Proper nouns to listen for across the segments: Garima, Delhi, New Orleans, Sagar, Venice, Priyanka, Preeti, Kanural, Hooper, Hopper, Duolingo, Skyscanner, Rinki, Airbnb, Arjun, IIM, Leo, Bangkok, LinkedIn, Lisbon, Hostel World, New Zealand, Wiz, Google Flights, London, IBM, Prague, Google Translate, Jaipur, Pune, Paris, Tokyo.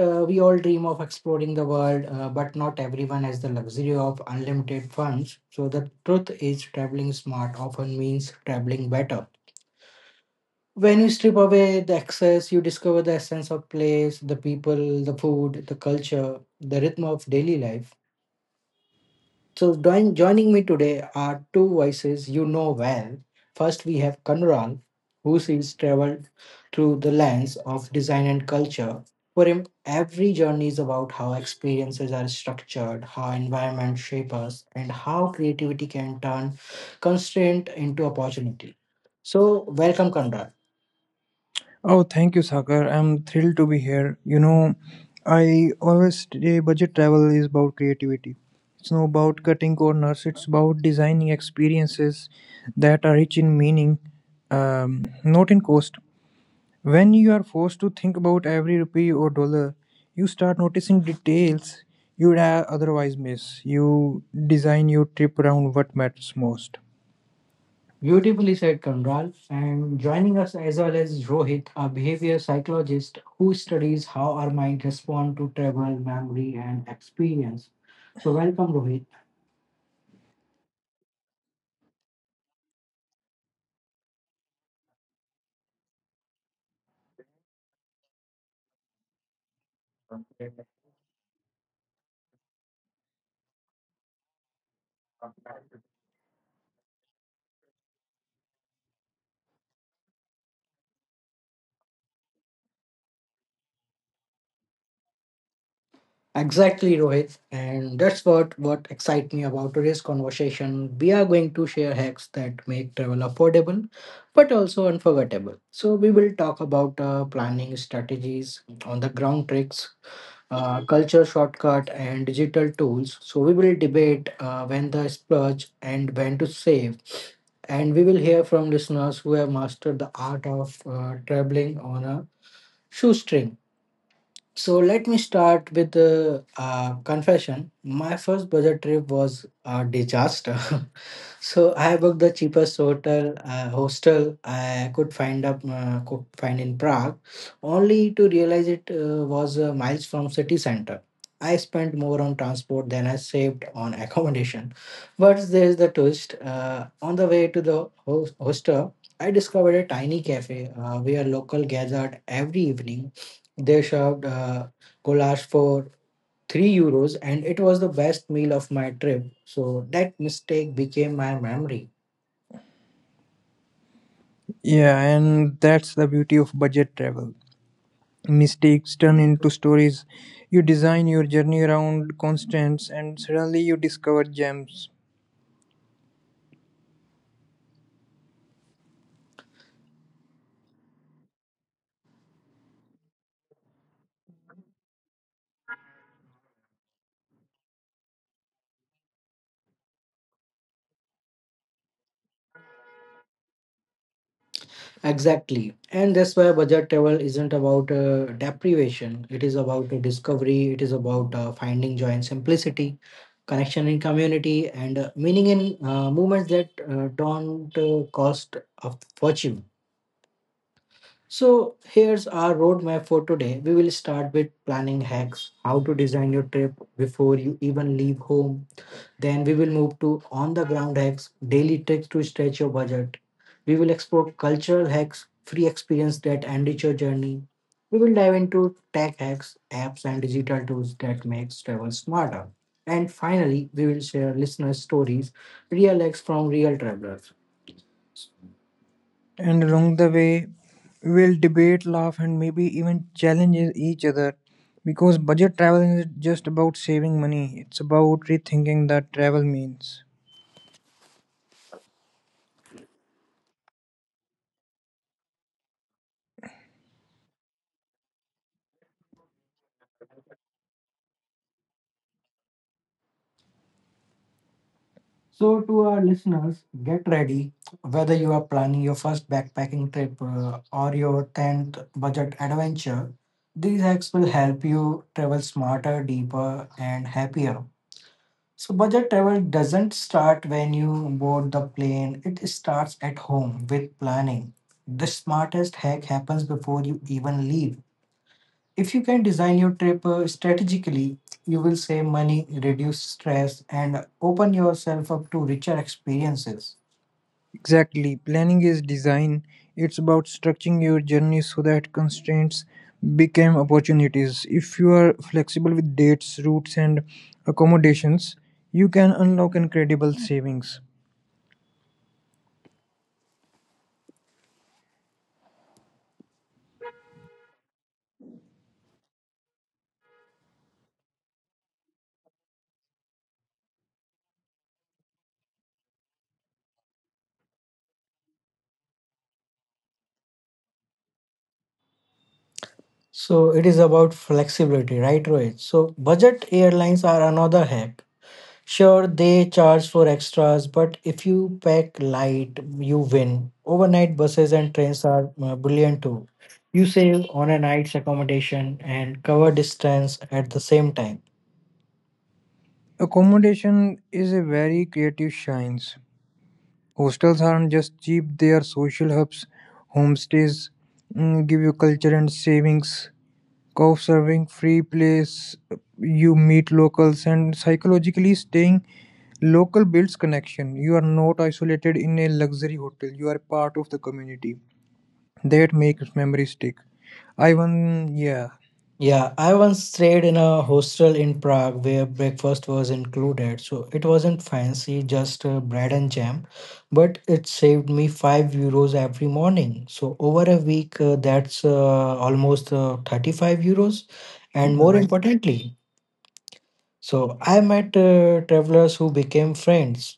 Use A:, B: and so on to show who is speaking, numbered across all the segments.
A: we all dream of exploring the world, but not everyone has the luxury of unlimited funds. So the truth is, traveling smart often means traveling better. When you strip away the excess, you discover the essence of place, the people, the food, the culture, the rhythm of daily life. So joining me today are two voices you know well. First, we have Kanural, who sees travel through the lens of design and culture. For him, every journey is about how experiences are structured, how environment shape us, and how creativity can turn constraint into opportunity. So, welcome, Kanural.
B: Oh, thank you, Sagar. I'm thrilled to be here. I always say budget travel is about creativity. It's not about cutting corners, it's about designing experiences that are rich in meaning, not in cost. When you are forced to think about every rupee or dollar, you start noticing details you would otherwise miss. You design your trip around what matters most.
A: Beautifully said, Kamral. And joining us as well as Rohit, a behavior psychologist who studies how our mind responds to travel, memory, and experience. So, welcome, Rohit. Exactly, Rohit. And that's what excites me about today's conversation. We are going to share hacks that make travel affordable, but also unforgettable. So we will talk about planning strategies, on the ground tricks, culture shortcut, and digital tools. So we will debate when to splurge and when to save, and we will hear from listeners who have mastered the art of traveling on a shoestring. So let me start with a confession. My first budget trip was a disaster. So I booked the cheapest hotel hostel I could find in Prague, only to realize it was miles from city center. I spent more on transport than I saved on accommodation, but there's the twist. On the way to the hostel, I discovered a tiny cafe where local gathered every evening. They served goulash for €3 and it was the best meal of my trip. So that mistake became my memory.
B: Yeah, and that's the beauty of budget travel. Mistakes turn into stories. You design your journey around constants, and suddenly you discover gems.
A: Exactly. And that's why budget travel isn't about deprivation. It is about discovery. It is about finding joy in simplicity, connection in community, and meaning in moments that don't cost a fortune. So here's our roadmap for today. We will start with planning hacks, how to design your trip before you even leave home. Then we will move to on the ground hacks, daily tricks to stretch your budget. We will explore cultural hacks, free experience that enrich your journey. We will dive into tech hacks, apps and digital tools that makes travel smarter. And finally, we will share listener stories, real hacks from real travelers.
B: And along the way, we'll debate, laugh, and maybe even challenge each other. Because budget travel isn't just about saving money, it's about rethinking that travel means.
A: So, to our listeners, get ready. Whether you are planning your first backpacking trip or your 10th budget adventure, these hacks will help you travel smarter, deeper, and happier. So budget travel doesn't start when you board the plane, it starts at home with planning. The smartest hack happens before you even leave. If you can design your trip strategically, you will save money, reduce stress, and open yourself up to richer experiences.
B: Exactly. Planning is design. It's about structuring your journey so that constraints become opportunities. If you are flexible with dates, routes, and accommodations, you can unlock incredible savings.
A: So it is about flexibility, right, Rohit? So budget airlines are another hack. Sure, they charge for extras, but if you pack light, you win. Overnight buses and trains are brilliant too. You save on a night's accommodation and cover distance at the same time.
B: Accommodation is a very creative science. Hostels aren't just cheap, they are social hubs. Homestays give you culture and savings. Couch surfing, free place, you meet locals, and psychologically staying local builds connection. You are not isolated in a luxury hotel. You are part of the community. That makes memories stick. I won, yeah,
A: Yeah, I once stayed in a hostel in Prague where breakfast was included. So it wasn't fancy, just bread and jam, but it saved me €5 every morning. So over a week, that's almost €35. And more
B: nice.
A: importantly, so I met travelers who became friends.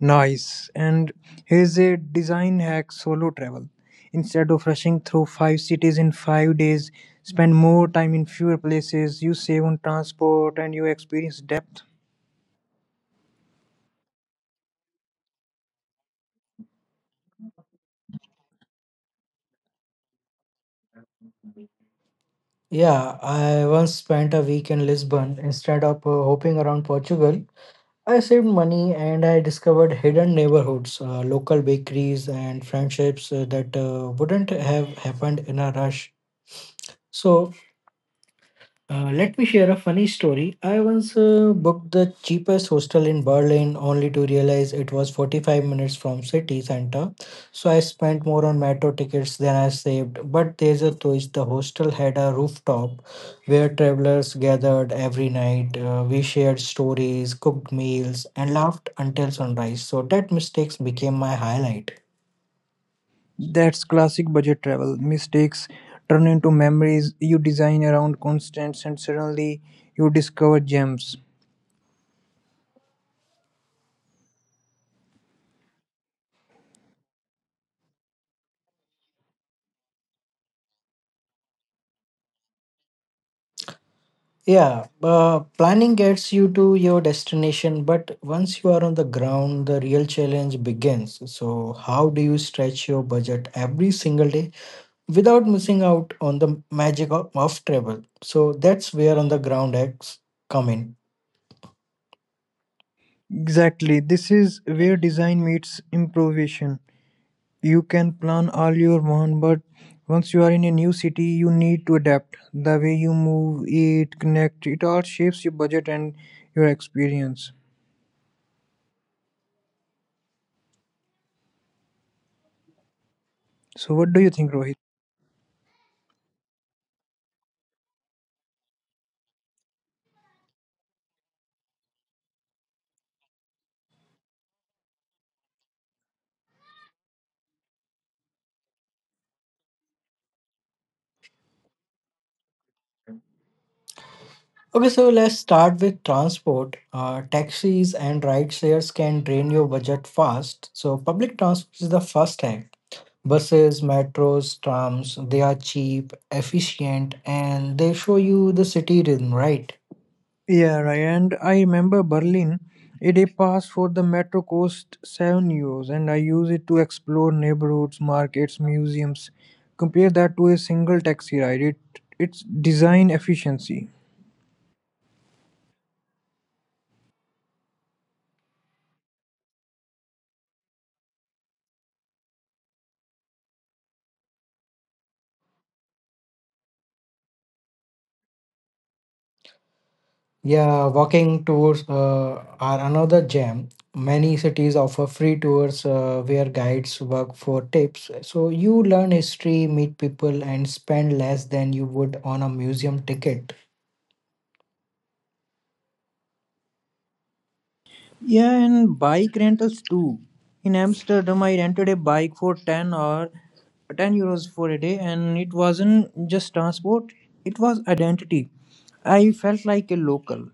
B: Nice. And here's a design hack: solo travel. Instead of rushing through five cities in 5 days, spend more time in fewer places. You save on transport and you experience depth.
A: Yeah, I once spent a week in Lisbon instead of hopping around Portugal. I saved money and I discovered hidden neighborhoods, local bakeries, and friendships that wouldn't have happened in a rush. So let me share a funny story. I once booked the cheapest hostel in Berlin only to realize it was 45 minutes from city center. So I spent more on metro tickets than I saved. But there's a twist. The hostel had a rooftop where travelers gathered every night. We shared stories, cooked meals, and laughed until sunrise. So that mistakes became my highlight.
B: That's classic budget travel. Mistakes turn into memories. You design around constants, and suddenly you discover gems.
A: Yeah, planning gets you to your destination, but once you are on the ground, the real challenge begins. So how do you stretch your budget every single day without missing out on the magic of travel? So that's where on the ground acts come in.
B: Exactly. This is where design meets improvisation. You can plan all you want, but once you are in a new city, you need to adapt. The way you move, eat, connect, it all shapes your budget and your experience. So, what do you think, Rohit?
A: Okay, so let's start with transport. Taxis and ride shares can drain your budget fast. So public transport is the first hack. Buses, metros, trams, they are cheap, efficient, and they show you the city rhythm, right?
B: Yeah, right. And I remember Berlin, a day pass for the metro cost 7 euros, and I use it to explore neighborhoods, markets, museums. Compare that to a single taxi ride. It's design efficiency.
A: Yeah, walking tours are another gem. Many cities offer free tours where guides work for tips. So you learn history, meet people, and spend less than you would on a museum ticket.
B: Yeah, and bike rentals too. In Amsterdam, I rented a bike for 10 or 10 euros for a day, and it wasn't just transport, it was identity. I felt like a local.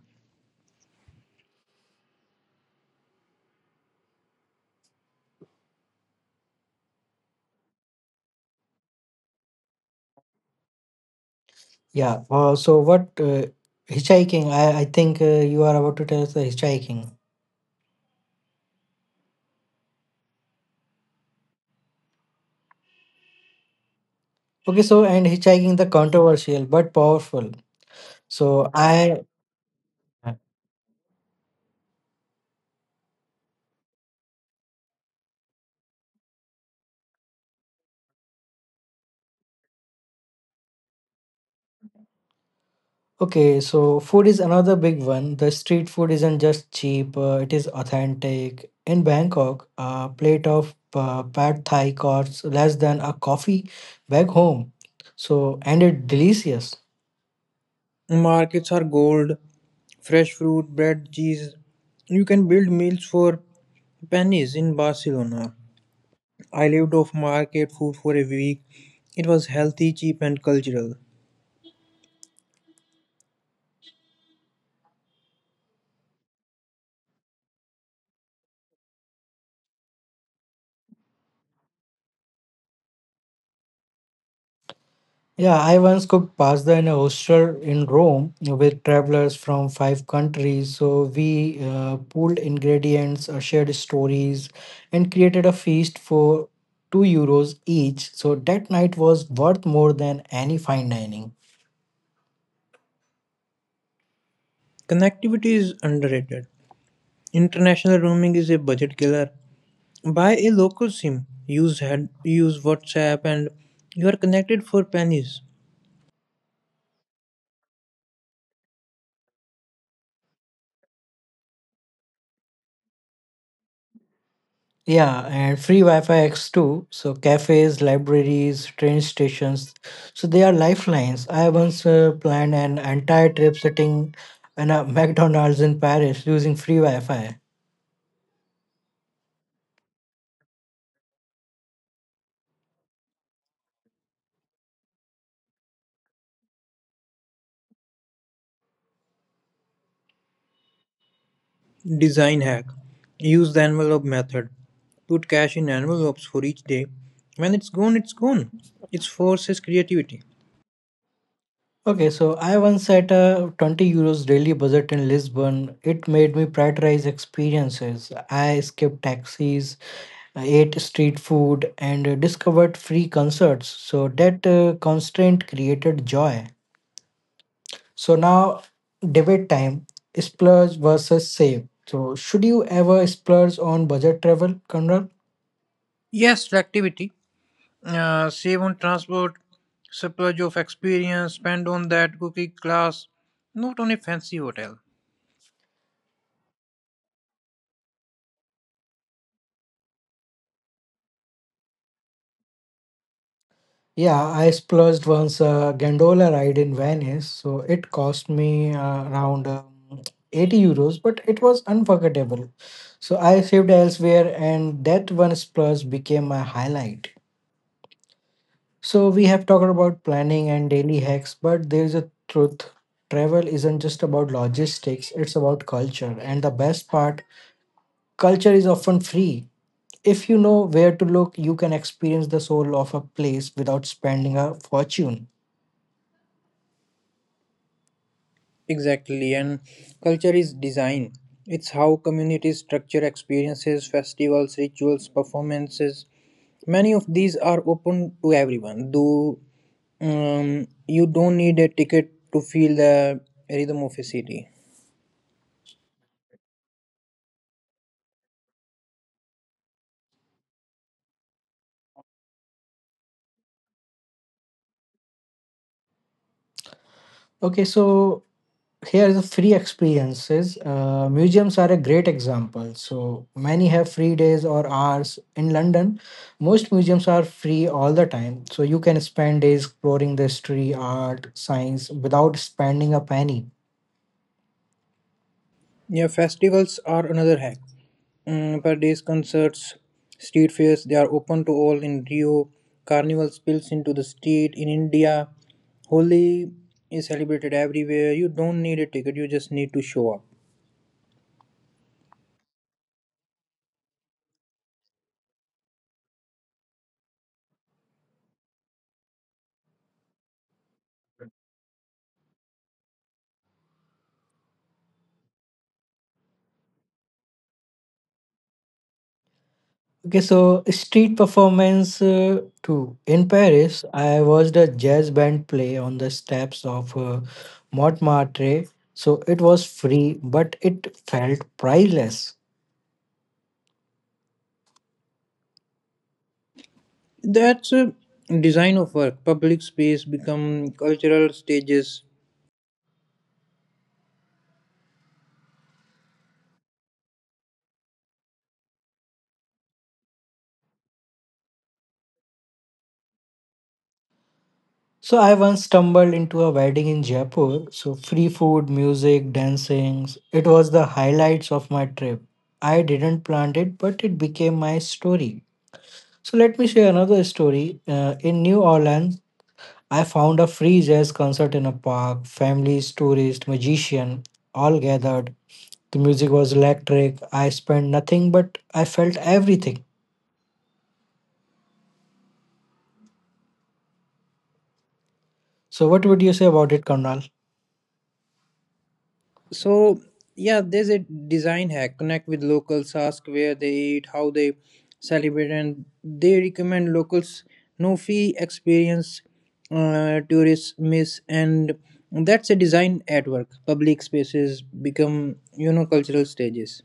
A: Yeah, what hitchhiking? I think you are about to tell us the hitchhiking. Okay, so and hitchhiking the controversial but powerful. So I— Okay, so food is another big one. The street food isn't just cheap, it is authentic. In Bangkok, a plate of pad thai costs less than a coffee back home. So, and it's delicious.
B: Markets are gold, fresh fruit, bread, cheese. You can build meals for pennies. In Barcelona, I lived off market food for a week. It was healthy, cheap, and cultural.
A: Yeah, I once cooked pasta in a hostel in Rome with travelers from five countries. So we pooled ingredients, shared stories, and created a feast for €2 each. So that night was worth more than any fine dining.
B: Connectivity is underrated. International roaming is a budget killer. Buy a local SIM. Use WhatsApp, and you are connected for pennies.
A: Yeah, and free Wi-Fi X too. So cafes, libraries, train stations. So they are lifelines. I once planned an entire trip sitting in a McDonald's in Paris using free Wi-Fi.
B: Design hack: use the envelope method. Put cash in envelopes for each day. When it's gone, it's gone. It forces creativity.
A: Okay, so I once set a €20 daily budget in Lisbon. It made me prioritize experiences. I skipped taxis, ate street food, and discovered free concerts. So that constraint created joy. So now, debate time: splurge versus save. So should you ever splurge on budget travel, Conrad?
B: Yes, selectivity. Save on transport, splurge of experience, spend on that cooking class, not on a fancy hotel.
A: Yeah, I splurged once, a gondola ride in Venice, so it cost me around €80, but it was unforgettable. So I saved elsewhere, and that one splurge became my highlight. So we have talked about planning and daily hacks, but there's a truth. Travel isn't just about logistics, it's about culture. And the best part, culture is often free. If you know where to look, you can experience the soul of a place without spending a fortune.
B: Exactly, and culture is design. It's how communities structure experiences, festivals, rituals, performances. Many of these are open to everyone. Though you don't need a ticket to feel the rhythm of a city.
A: Okay, so here is the free experiences. Museums are a great example. So many have free days or hours. In London, most museums are free all the time. So you can spend days exploring the history, art, science without spending a penny.
B: Yeah, festivals are another hack. Per days concerts, street fairs, they are open to all. In Rio, Carnival spills into the street. In India, Holi is celebrated everywhere. You don't need a ticket, you just need to show up.
A: Okay, so street performance too. In Paris, I watched a jazz band play on the steps of Montmartre. So it was free, but it felt priceless.
B: That's a design of work. Public space become cultural stages.
A: So I once stumbled into a wedding in Jaipur. So free food, music, dancing. It was the highlights of my trip. I didn't plan it, but it became my story. So let me share another story. In New Orleans, I found a free jazz concert in a park. Families, tourists, magician, all gathered. The music was electric. I spent nothing, but I felt everything. So what would you say about it, Karnal?
B: So yeah, there's a design hack. Connect with locals, ask where they eat, how they celebrate, and they recommend locals no fee experience tourists miss. And that's a design at work. Public spaces become cultural stages.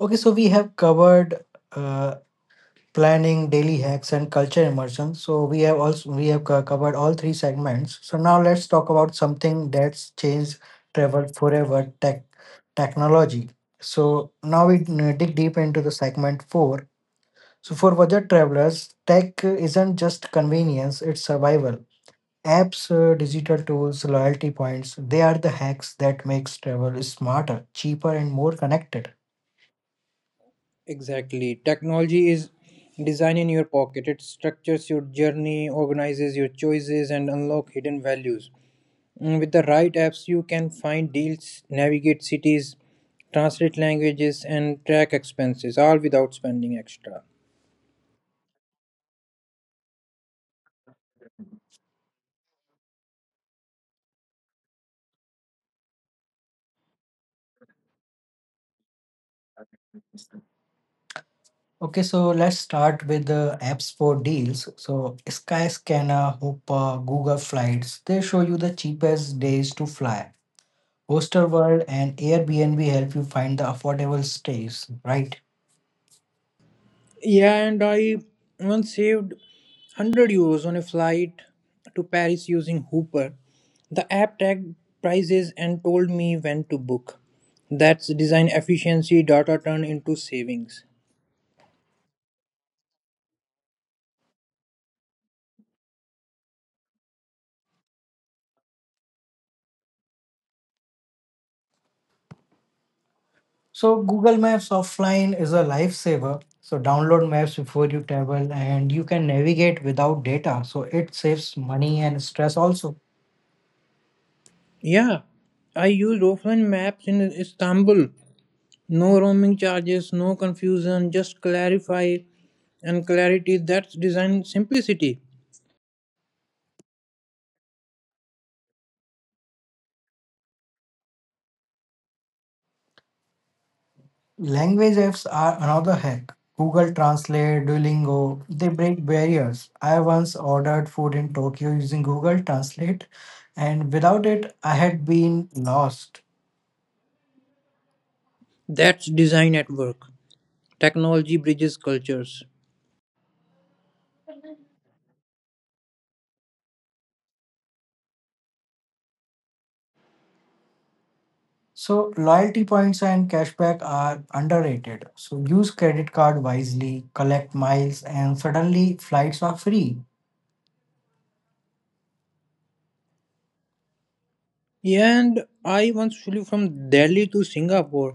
A: Okay, so we have covered Uh, planning, daily hacks, and culture immersion. So we have also we have covered all three segments. So now let's talk about something that's changed travel forever: tech technology. So now we dig deep into the segment four. So for budget travelers, tech isn't just convenience; it's survival. Apps, digital tools, loyalty points—they are the hacks that makes travel smarter, cheaper, and more connected.
B: Exactly. Technology is design in your pocket. It structures your journey, organizes your choices, and unlock hidden values. With the right apps, you can find deals, navigate cities, translate languages, and track expenses, all without spending extra.
A: Okay, so let's start with the apps for deals. So Skyscanner, Hopper, Google Flights, they show you the cheapest days to fly. Hostel World and Airbnb help you find the affordable stays, right?
B: Yeah, and I once saved 100 euros on a flight to Paris using Hooper. The app tagged prices and told me when to book. That's design efficiency, data turned into savings.
A: So Google Maps offline is a lifesaver. So download maps before you travel and you can navigate without data. So it saves money and stress also.
B: Yeah, I used offline maps in Istanbul. No roaming charges, no confusion, just clarify and clarity. That's design simplicity.
A: Language apps are another hack. Google Translate, Duolingo, they break barriers. I once ordered food in Tokyo using Google Translate, and without it, I had been lost.
B: That's design at work. Technology bridges cultures.
A: So loyalty points and cashback are underrated. So use credit card wisely, collect miles, and suddenly flights are free.
B: Yeah, and I once flew from Delhi to Singapore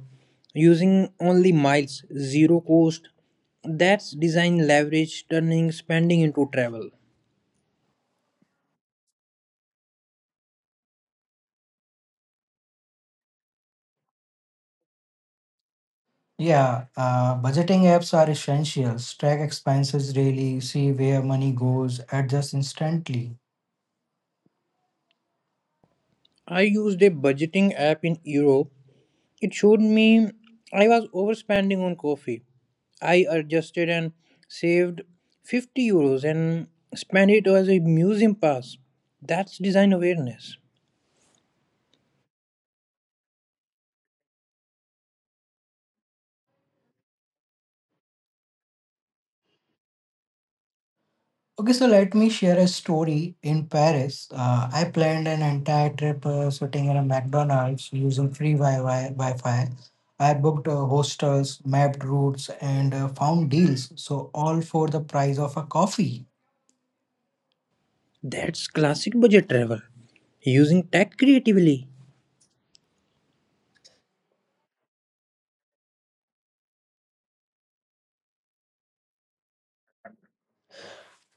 B: using only miles, zero cost. That's design leverage, turning spending into travel.
A: Yeah, budgeting apps are essentials. Track expenses daily, see where money goes, adjust instantly.
B: I used a budgeting app in Europe. It showed me I was overspending on coffee. I adjusted and saved 50 euros and spent it as a museum pass. That's design awareness.
A: Okay, so let me share a story in Paris. I planned an entire trip sitting in a McDonald's using free Wi-Fi. I booked hostels, mapped routes, and found deals. So all for the price of a coffee.
B: That's classic budget travel. Using tech creatively.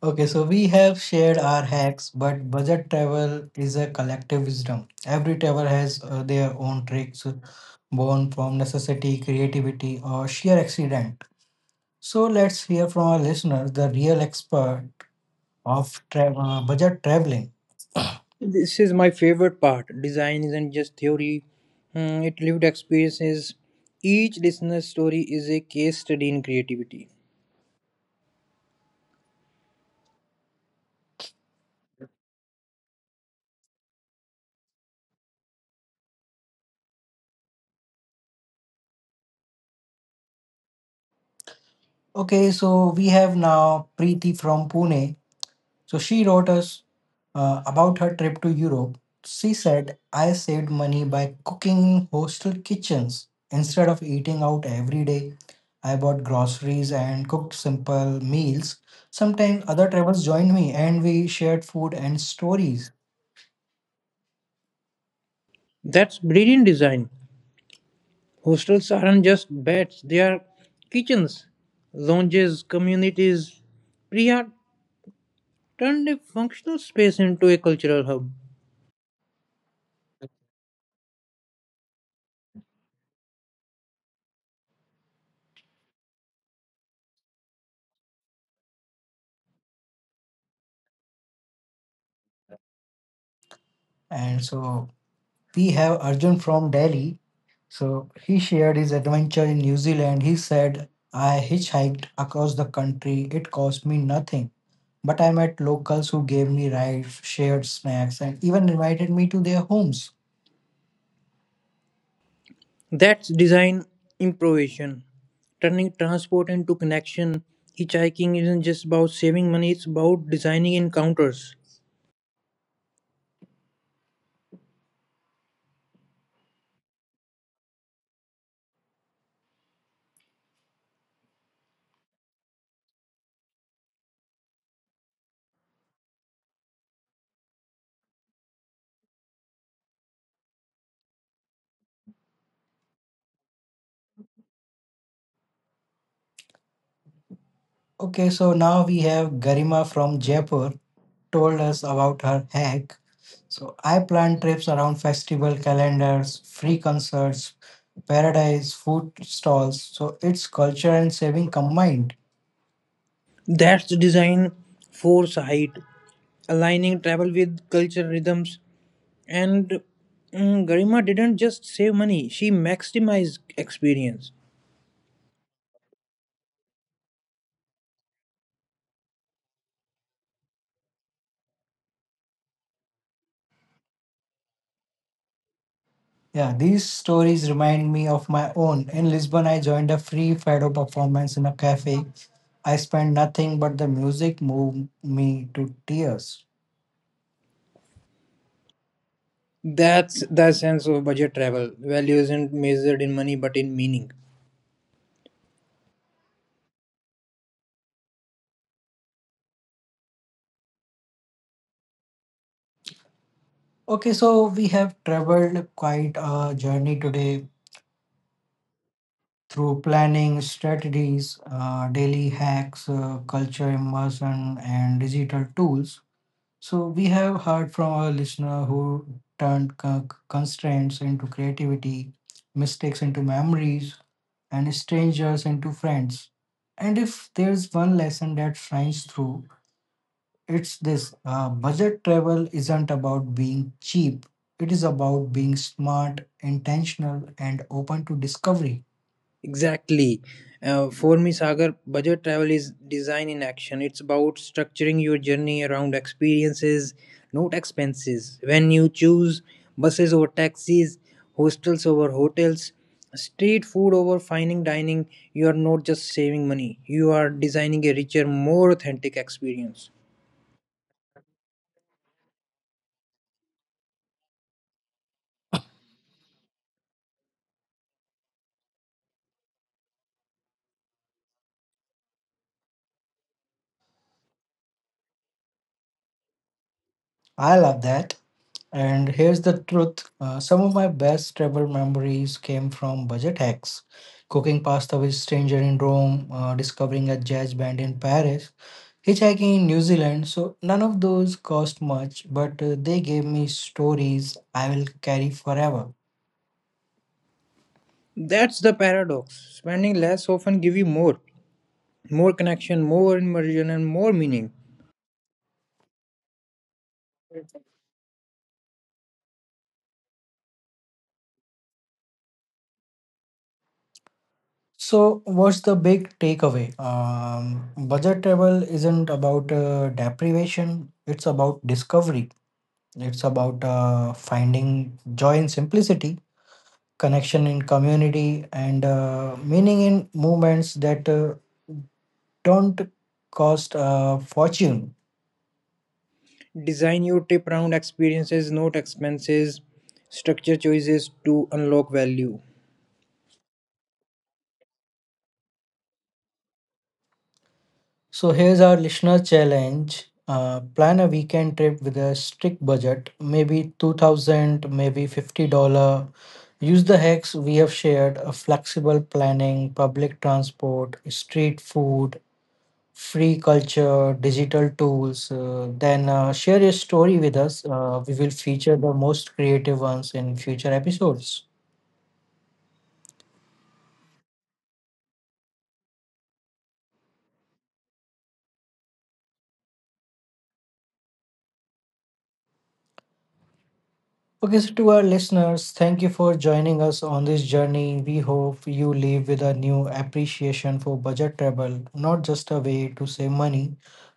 A: Okay, so we have shared our hacks, but budget travel is a collective wisdom. Every traveler has their own tricks, born from necessity, creativity, or sheer accident. So let's hear from our listeners, the real expert of budget traveling.
B: This is my favorite part. Design isn't just theory, it lived experiences. Each listener's story is a case study in creativity.
A: Okay, so we have now Preeti from Pune. So she wrote us about her trip to Europe. She said, I saved money by cooking in hostel kitchens. Instead of eating out every day, I bought groceries and cooked simple meals. Sometimes other travelers joined me and we shared food and stories.
B: That's brilliant design. Hostels aren't just beds, they are kitchens, lounges, communities. Priya turned a functional space into a cultural hub.
A: And so we have Arjun from Delhi. So he shared his adventure in New Zealand. He said, I hitchhiked across the country. It cost me nothing. But I met locals who gave me rides, shared snacks, and even invited me to their homes.
B: That's design improvisation, turning transport into connection. Hitchhiking isn't just about saving money, it's about designing encounters.
A: Okay, so now we have Garima from Jaipur told us about her hack. So I plan trips around festival calendars, free concerts, paradise, food stalls. So it's culture and saving combined.
B: That's design foresight, aligning travel with cultural rhythms. And Garima didn't just save money, she maximized experience.
A: Yeah, these stories remind me of my own. In Lisbon, I joined a free fado performance in a cafe. I spent nothing, but the music moved me to tears.
B: That's the sense of budget travel. Value isn't measured in money but in meaning.
A: Okay, so we have traveled quite a journey today through planning, strategies, daily hacks, culture immersion, and digital tools. So we have heard from our listener who turned constraints into creativity, mistakes into memories, and strangers into friends. And if there's one lesson that shines through, it's this: budget travel isn't about being cheap, it is about being smart, intentional, and open to discovery.
B: Exactly. For me, Sagar, budget travel is design in action. It's about structuring your journey around experiences, not expenses. When you choose buses over taxis, hostels over hotels, street food over fine dining, you are not just saving money, you are designing a richer, more authentic experience.
A: I love that. And here's the truth: some of my best travel memories came from budget hacks. Cooking pasta with stranger in Rome, discovering a jazz band in Paris, hitchhiking in New Zealand, so none of those cost much, but they gave me stories I will carry forever.
B: That's the paradox. Spending less often give you more connection, more immersion, and more meaning.
A: So what's the big takeaway? Budget travel isn't about deprivation, it's about discovery. It's about finding joy in simplicity, connection in community, and meaning in movements that don't cost a fortune.
B: Design your trip around experiences, not expenses, structure choices to unlock value.
A: So here's our listener challenge. Plan a weekend trip with a strict budget, maybe 2000, maybe $50. Use the hacks we have shared, a flexible planning, public transport, street food, free culture, digital tools. Then share your story with us. We will feature the most creative ones in future episodes. Okay, so to our listeners, thank you for joining us on this journey. We hope you leave with a new appreciation for budget travel, not just a way to save money,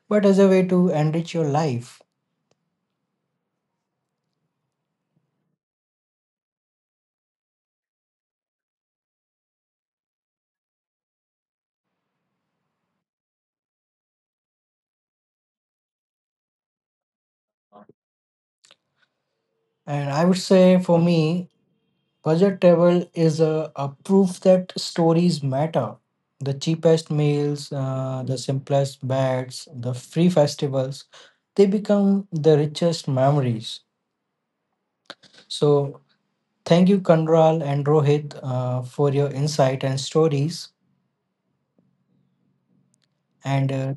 A: but as a way to enrich your life. And I would say for me, budget travel is a proof that stories matter. The cheapest meals, the simplest beds, the free festivals, they become the richest memories. So thank you, Kanral and Rohit, for your insight and stories. And uh,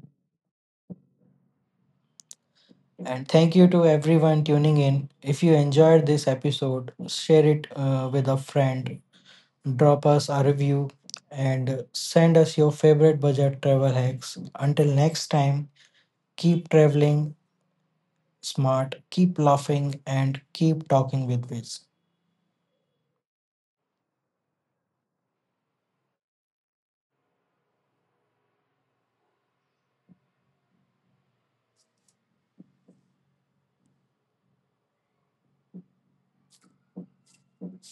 A: and thank you to everyone tuning in. If you enjoyed this episode, share it with a friend, drop us a review, and send us your favorite budget travel hacks. Until next time, keep traveling smart, keep laughing, and keep talking with Wiz.